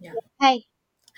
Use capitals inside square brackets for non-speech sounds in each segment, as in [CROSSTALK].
Yeah. Hi.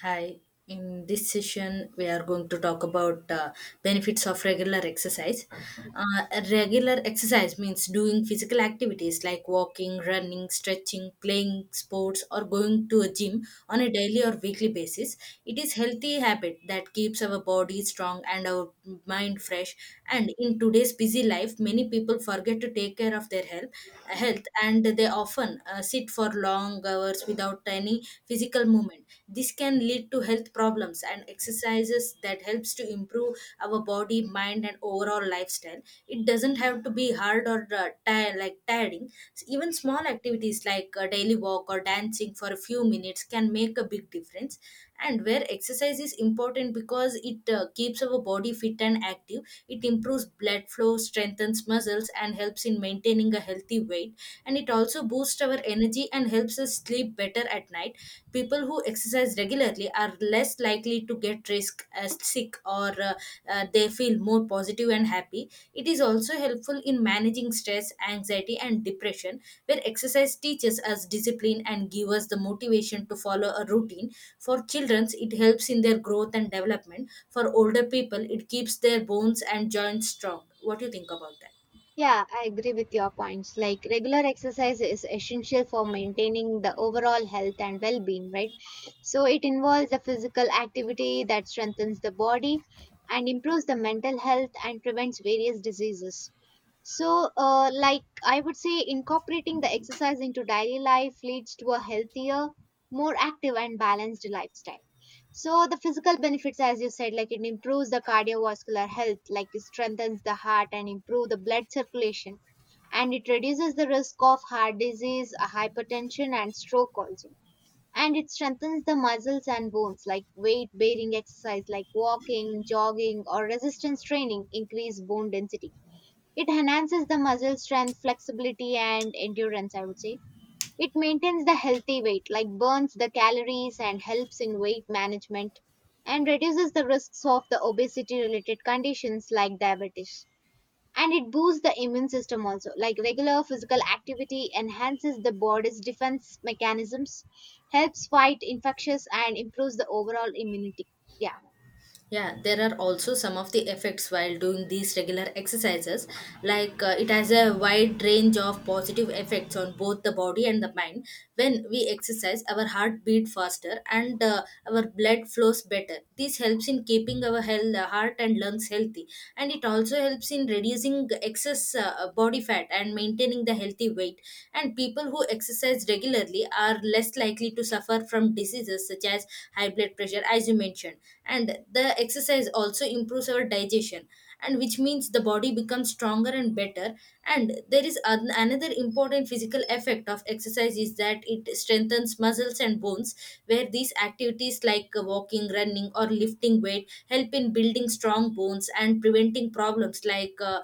Hi. In this session, we are going to talk about benefits of regular exercise. Regular exercise means doing physical activities like walking, running, stretching, playing sports, or going to a gym on a daily or weekly basis. It is healthy habit that keeps our body strong and our mind fresh. And in today's busy life, many people forget to take care of their health, and they often sit for long hours without any physical movement. This can lead to health problems, and exercises that helps to improve our body, mind and overall lifestyle. It doesn't have to be hard or tire, like tiring. Even small activities like a daily walk or dancing for a few minutes can make a big difference. And where exercise is important because it keeps our body fit and active. It improves blood flow, strengthens muscles and helps in maintaining a healthy weight, and it also boosts our energy and helps us sleep better at night. People who exercise regularly are less likely to get risk as sick or they feel more positive and happy. It is also helpful in managing stress, anxiety, and depression, where exercise teaches us discipline and give us the motivation to follow a routine. For children, it helps in their growth and development. For older people, it keeps their bones and joints strong. What do you think about that? Yeah, I agree with your points. Like regular exercise is essential for maintaining the overall health and well being, right? So it involves a physical activity that strengthens the body and improves the mental health and prevents various diseases. So, like I would say, incorporating the exercise into daily life leads to a healthier, more active, and balanced lifestyle. So the physical benefits, as you said, like it improves the cardiovascular health, like it strengthens the heart and improve the blood circulation, and it reduces the risk of heart disease, hypertension, and stroke also. And it strengthens the muscles and bones, like weight bearing exercise, like walking, jogging, or resistance training, increase bone density. It enhances the muscle strength, flexibility, and endurance. I would say it maintains the healthy weight, like burns the calories and helps in weight management and reduces the risks of the obesity related conditions like diabetes. And it boosts the immune system also, like regular physical activity enhances the body's defense mechanisms, helps fight infectious and improves the overall immunity. Yeah. Yeah, there are also some of the effects while doing these regular exercises. Like it has a wide range of positive effects on both the body and the mind. When we exercise, our heart beat faster and our blood flows better. This helps in keeping our heart and lungs healthy, and it also helps in reducing excess body fat and maintaining the healthy weight. And people who exercise regularly are less likely to suffer from diseases such as high blood pressure, as you mentioned. And the exercise also improves our digestion, and which means the body becomes stronger and better. And there is another important physical effect of exercise is that it strengthens muscles and bones, where these activities like walking, running or lifting weight help in building strong bones and preventing problems like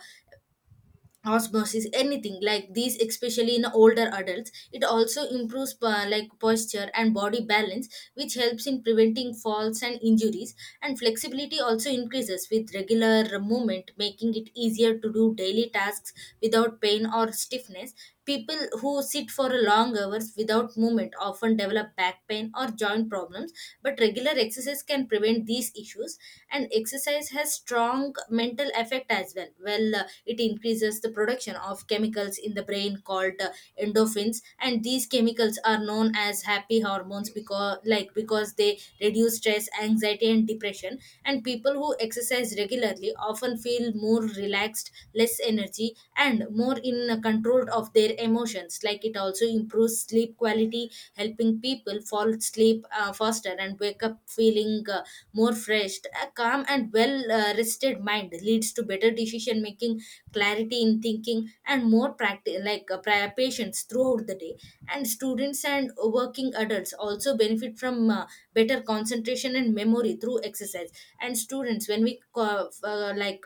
osmosis, anything like these, especially in older adults. It also improves like posture and body balance, which helps in preventing falls and injuries. And flexibility also increases with regular movement, making it easier to do daily tasks without pain or stiffness. People who sit for long hours without movement often develop back pain or joint problems, but regular exercise can prevent these issues. And exercise has strong mental effect as well. It increases the production of chemicals in the brain called endorphins, and these chemicals are known as happy hormones because they reduce stress, anxiety, and depression. And people who exercise regularly often feel more relaxed, less energy, and more in control of their emotions. Like it also improves sleep quality, helping people fall asleep faster and wake up feeling more fresh. A calm and well rested mind leads to better decision making, clarity in thinking, and more practice, like patience throughout the day. And students and working adults also benefit from better concentration and memory through exercise. And students, when we co- uh, like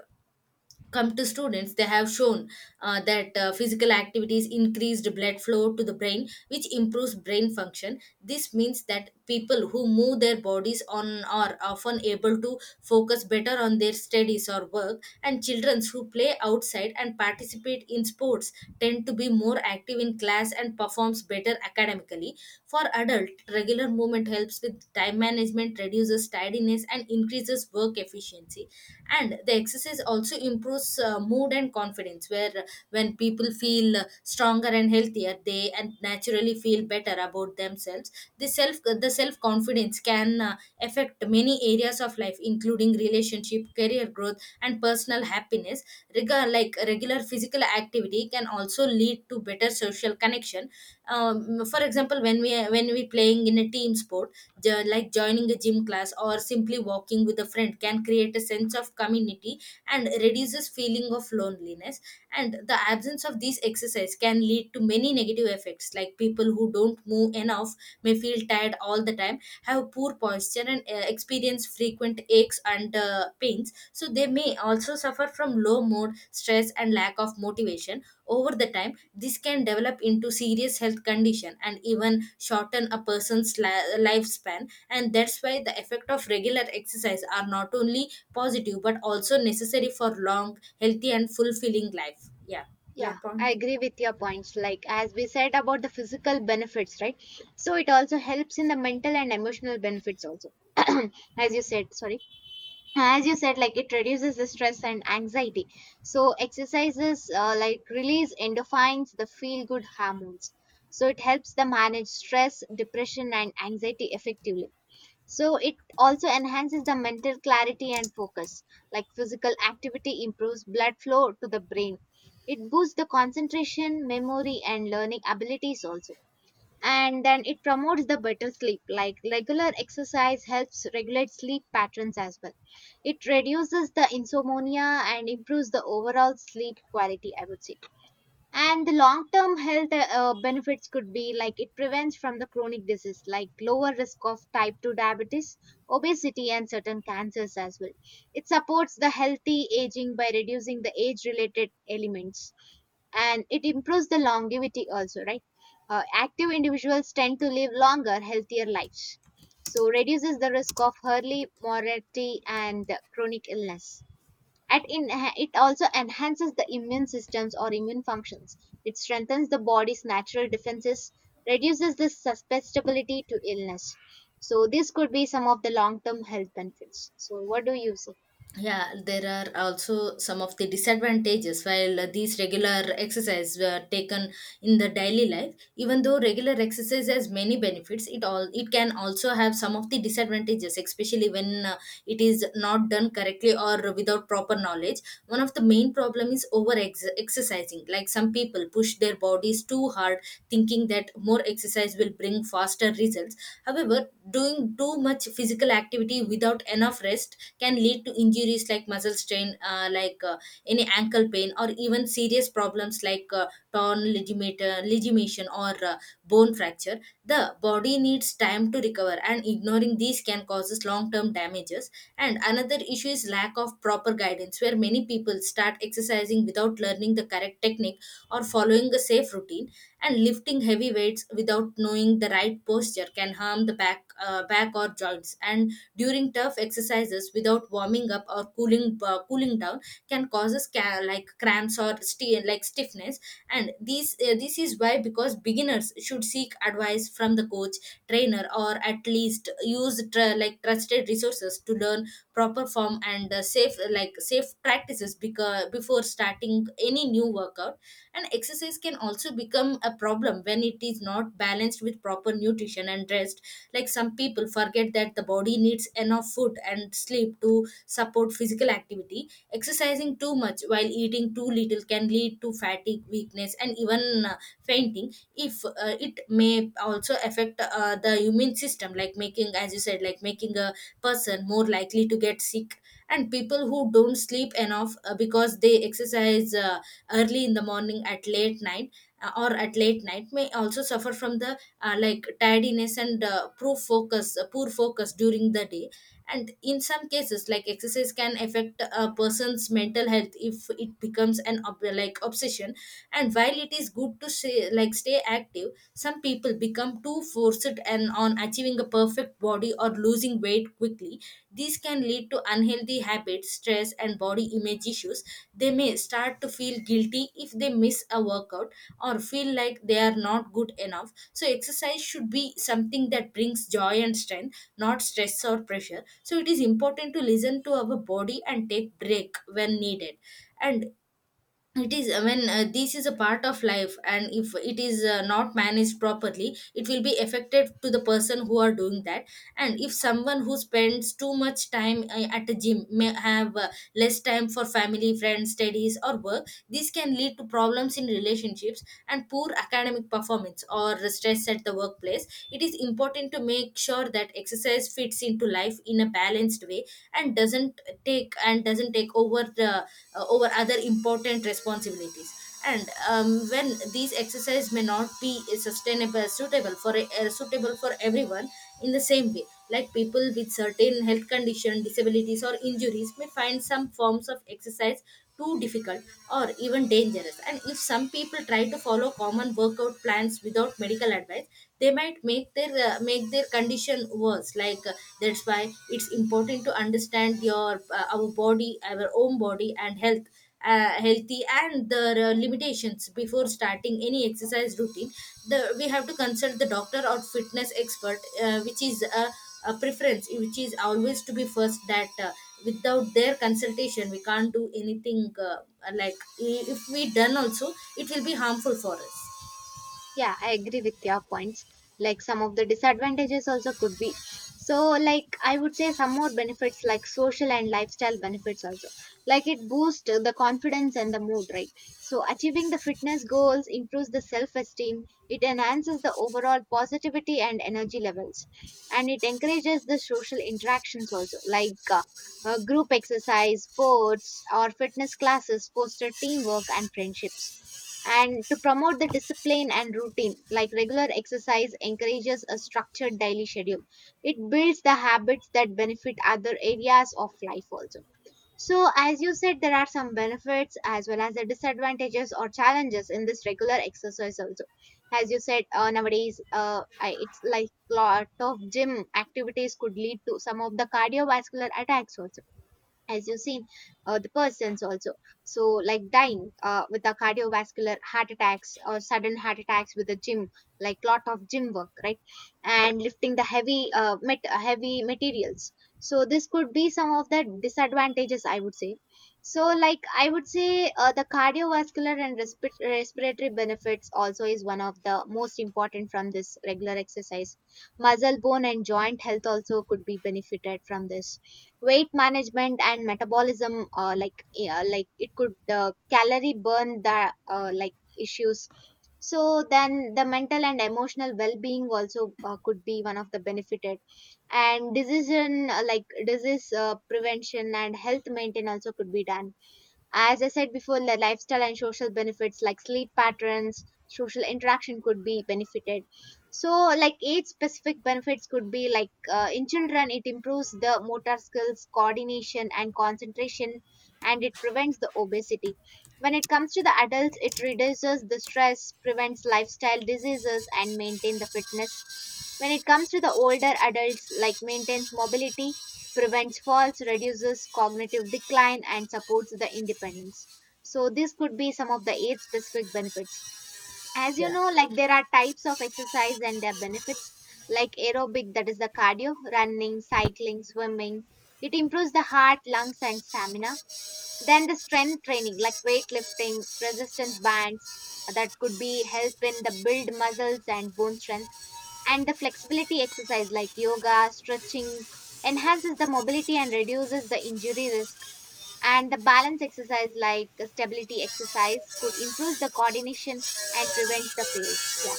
come to students, they have shown that physical activities increased blood flow to the brain, which improves brain function. This means that people who move their bodies on are often able to focus better on their studies or work. And children who play outside and participate in sports tend to be more active in class and performs better academically. For adult, regular movement helps with time management, reduces tidiness and increases work efficiency. And the exercise also improves mood and confidence, where when people feel stronger and healthier, they and naturally feel better about themselves. The self confidence can affect many areas of life, including relationship, career growth and personal happiness. Regular physical activity can also lead to better social connection. For example, when we playing in a team sport, joining a gym class or simply walking with a friend can create a sense of community and reduces feeling of loneliness. And the absence of these exercise can lead to many negative effects. Like people who don't move enough may feel tired all the time, have poor posture and experience frequent aches and pains. So they may also suffer from low mood, stress and lack of motivation. Over the time, this can develop into serious health condition and even shorten a person's lifespan. And that's why the effect of regular exercise are not only positive but also necessary for long healthy and fulfilling life. Yeah, your Yeah, I point. agree with your points. Like, as we said about the physical benefits, right? So, it also helps in the mental and emotional benefits, also. [CLEARS THROAT] As you said, sorry, as you said, like it reduces the stress and anxiety. So exercises like release endorphins, the feel good hormones, so it helps them manage stress, depression, and anxiety effectively. So it also enhances the mental clarity and focus, like physical activity improves blood flow to the brain. It boosts the concentration, memory, and learning abilities also. And then it promotes the better sleep, like regular exercise helps regulate sleep patterns as well. It reduces the insomnia and improves the overall sleep quality, I would say. And the long term health benefits could be like it prevents from the chronic disease, like lower risk of type 2 diabetes, obesity, and certain cancers as well. It supports the healthy aging by reducing the age related elements, and it improves the longevity also, right? Active individuals tend to live longer, healthier lives, so reduces the risk of early mortality and chronic illness. And in, it also enhances the immune systems or immune functions. It strengthens the body's natural defenses, reduces the susceptibility to illness. So this could be some of the long term health benefits. So what do you say? Yeah, there are also some of the disadvantages while these regular exercise were taken in the daily life. Even though regular exercise has many benefits, it all it can also have some of the disadvantages, especially when it is not done correctly or without proper knowledge. One of the main problem is over exercising. Like some people push their bodies too hard, thinking that more exercise will bring faster result. However, doing too much physical activity without enough rest can lead to injuries like muscle strain, any ankle pain, or even serious problems like torn ligament, ligation or bone fracture. The body needs time to recover, and ignoring these can causes long-term damages. And another issue is lack of proper guidance, where many people start exercising without learning the correct technique or following a safe routine. And lifting heavy weights without knowing the right posture can harm the back or joints. And during tough exercises without warming up or cooling down can causes cramps or stiffness. And these this is why, because beginners should seek advice from the coach, trainer or at least use trusted resources to learn proper form and safe practices, because before starting any new workout. And exercise can also become a problem when it is not balanced with proper nutrition and rest. Like some people forget that the body needs enough food and sleep to support physical activity. Exercising too much while eating too little can lead to fatigue, weakness and even fainting. If It may also affect the immune system, like making, as you said, like making a person more likely to get sick. And people who don't sleep enough because they exercise early in the morning at late night or at late night may also suffer from the like tiredness and poor focus during the day. And in some cases, like exercise can affect a person's mental health if it becomes an obsession. And while it is good to say, like stay active, some people become too forced and on achieving a perfect body or losing weight quickly. These can lead to unhealthy habits, stress and body image issues. They may start to feel guilty if they miss a workout or feel like they are not good enough. So, exercise should be something that brings joy and strength, not stress or pressure. So, it is important to listen to our body and take break when needed. And it is, I mean, this is a part of life, and if it is not managed properly, it will be affected to the person who are doing that. And if someone who spends too much time at the gym may have less time for family, friends, studies or work. This can lead to problems in relationships and poor academic performance or stress at the workplace. It is important to make sure that exercise fits into life in a balanced way and doesn't take over the over other important responsibilities. And when these exercise may not be sustainable suitable for suitable for everyone in the same way. Like people with certain health condition, disabilities or injuries may find some forms of exercise too difficult or even dangerous. And if some people try to follow common workout plans without medical advice, they might make their condition worse. That's why it's important to understand your our body our own body and health, healthy and the limitations before starting any exercise routine. The We have to consult the doctor or fitness expert, which is a preference which is always to be first. That without their consultation, we can't do anything. Like if we done also, it will be harmful for us. Yeah, I agree with your points. Like some of the disadvantages also could be. So, like I would say some more benefits like social and lifestyle benefits also. Like it boosts the confidence and the mood, right? So, achieving the fitness goals improves the self-esteem. It enhances the overall positivity and energy levels, and it encourages the social interactions also, like. Group exercise, sports, or fitness classes foster teamwork and friendships, and to promote the discipline and routine, like regular exercise encourages a structured daily schedule. It builds the habits that benefit other areas of life also. So as you said, there are some benefits as well as the disadvantages or challenges in this regular exercise also. As you said, nowadays it's like lot of gym activities could lead to some of the cardiovascular attacks also, as you've seen the persons also. So like dying with the cardiovascular heart attacks or sudden heart attacks with the gym, like lot of gym work, right? And lifting the heavy heavy materials. So this could be some of the disadvantages, I would say. So like I would say the cardiovascular and respiratory benefits also is one of the most important from this regular exercise. Muscle, bone, and joint health also could be benefited from this. Weight management and metabolism, like yeah, like it could calorie burn the like issues. So then the mental and emotional well-being also could be one of the benefited. And decision like disease prevention and health maintenance also could be done. As I said before, the lifestyle and social benefits like sleep patterns, social interaction could be benefited. So, like age specific benefits could be like in children, it improves the motor skills, coordination, and concentration, and it prevents the obesity. When it comes to the adults, it reduces the stress, prevents lifestyle diseases, and maintain the fitness. When it comes to the older adults, like maintains mobility, prevents falls, reduces cognitive decline, and supports the independence. So, this could be some of the eight specific benefits. As you Yeah. know, like there are types of exercise and their benefits, like aerobic, that is the cardio, running, cycling, swimming. It improves the heart, lungs, and stamina. Then the strength training, like weightlifting, resistance bands, that could be help in the build muscles and bone strength, and the flexibility exercise like yoga stretching enhances the mobility and reduces the injury risk. And the balance exercise like the stability exercise could improve the coordination and prevent the fails. Yeah.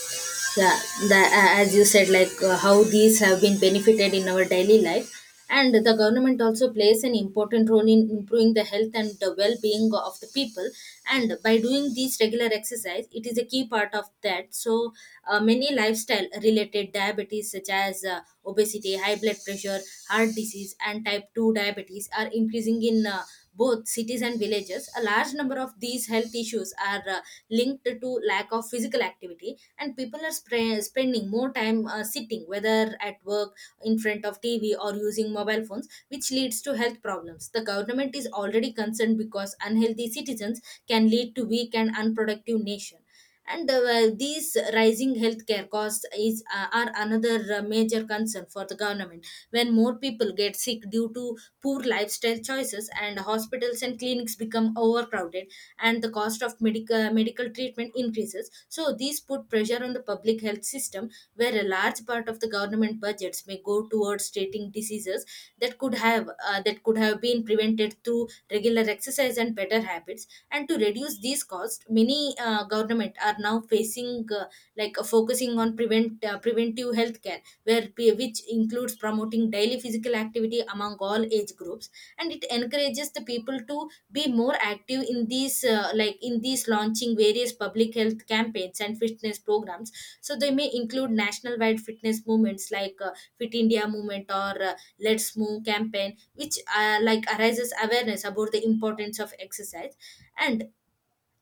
Yeah, that, as you said, like how these have been benefited in our daily life, and the government also plays an important role in improving the health and the well-being of the people. And by doing these regular exercise, it is a key part of that. So many lifestyle related diabetes such as obesity, high blood pressure, heart disease and type 2 diabetes are increasing in both cities and villages. A large number of these health issues are linked to lack of physical activity, and people are spending more time sitting, whether at work, in front of TV, or using mobile phones, which leads to health problems. The government is already concerned because unhealthy citizens can lead to weak and unproductive nation. And these rising healthcare costs is are another major concern for the government when more people get sick due to poor lifestyle choices, and hospitals and clinics become overcrowded, and the cost of medical treatment increases. So these put pressure on the public health system, where a large part of the government budgets may go towards treating diseases that could have been prevented through regular exercise and better habits. And to reduce these costs, many government are now facing like focusing on preventive health care, which includes promoting daily physical activity among all age groups. And it encourages the people to be more active in these like in these launching various public health campaigns and fitness programs. So they may include national wide fitness movements like Fit India movement, or Let's Move campaign, which arises awareness about the importance of exercise. And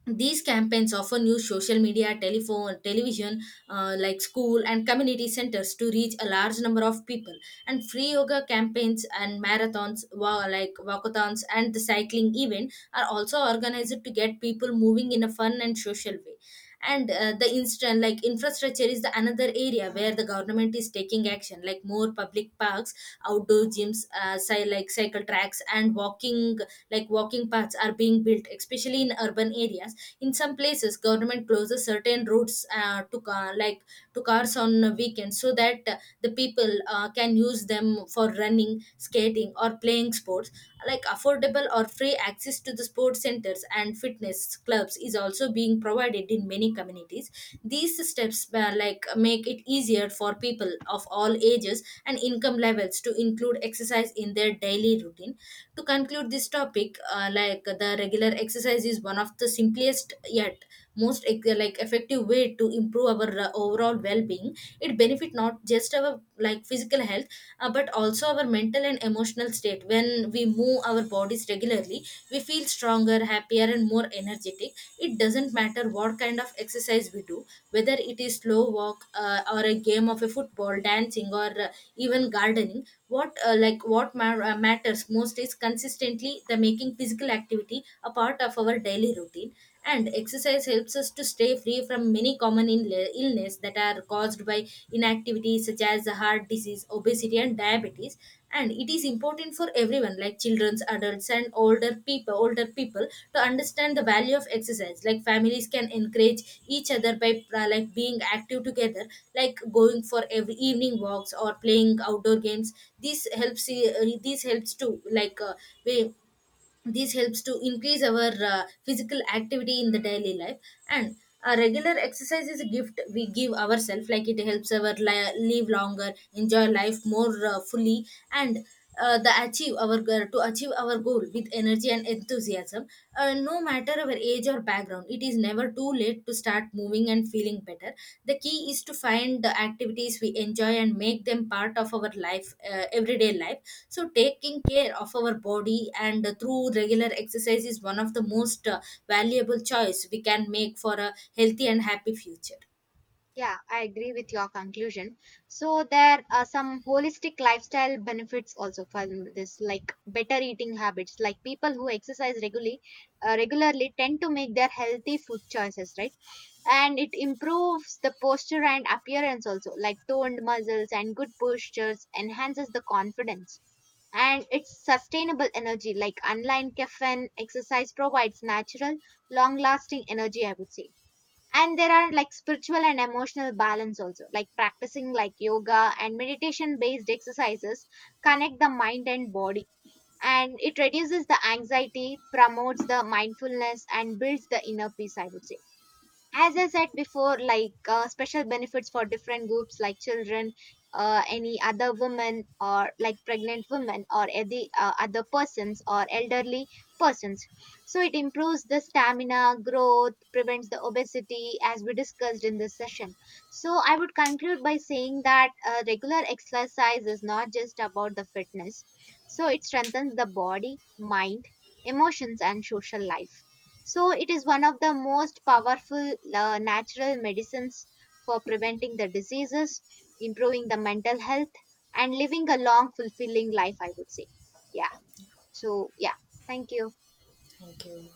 these campaigns often use social media, telephone, television, school and community centers to reach a large number of people. And free yoga campaigns and marathons, walkathons and the cycling event, are also organized to get people moving in a fun and social way. And the instant like infrastructure is the another area where the government is taking action, like more public parks, outdoor gyms, cycle tracks, and walking paths are being built, especially in urban areas. In some places government closes certain routes to ca- like to cars on weekends, so that the people can use them for running, skating or playing sports. Like affordable or free access to the sports centers and fitness clubs is also being provided in many communities. These steps make it easier for people of all ages and income levels to include exercise in their daily routine. To conclude this topic, the regular exercise is one of the simplest yet most effective way to improve our overall well-being. It benefit not just our like physical health, but also our mental and emotional state. When we move our bodies regularly, we feel stronger, happier, and more energetic. It doesn't matter what kind of exercise we do, whether it is slow walk, or a game of a football, dancing, or even gardening. What like what ma- matters most is consistently the making physical activity a part of our daily routine. And exercise helps us to stay free from many common illness that are caused by inactivity, such as heart disease, obesity and diabetes. And it is important for everyone, like children, adults and older people, to understand the value of exercise. Like families can encourage each other by being active together, like going for every evening walks or playing outdoor games. This helps to like we this helps to increase our physical activity in the daily life. And a regular exercise is a gift we give ourselves. Like it helps our live longer, enjoy life more fully, and the achieve our goal to achieve our goal with energy and enthusiasm. Uh, no matter our age or background, it is never too late to start moving and feeling better. The key is to find the activities we enjoy and make them part of our life, everyday life. So, taking care of our body and through regular exercise is one of the most valuable choice we can make for a healthy and happy future. Yeah, I agree with your conclusion. So there are some holistic lifestyle benefits also from this, like better eating habits, like people who exercise regularly regularly tend to make their healthy food choices, right? And it improves the posture and appearance also, like toned muscles and good postures enhances the confidence. And it's sustainable energy, like online caffeine exercise provides natural long lasting energy, I would say. And there are like spiritual and emotional balance also, like practicing like yoga and meditation based exercises connect the mind and body, and it reduces the anxiety, promotes the mindfulness, and builds the inner peace, I would say. As I said before, like special benefits for different groups like children, any other women or like pregnant women or any other persons or elderly persons. So it improves the stamina, growth, prevents the obesity as we discussed in this session. So I would conclude by saying that regular exercise is not just about the fitness. So it strengthens the body, mind, emotions, and social life. So it is one of the most powerful natural medicines for preventing the diseases, improving the mental health, and living a long, fulfilling life, I would say. Yeah. So, yeah. Thank you. Thank you.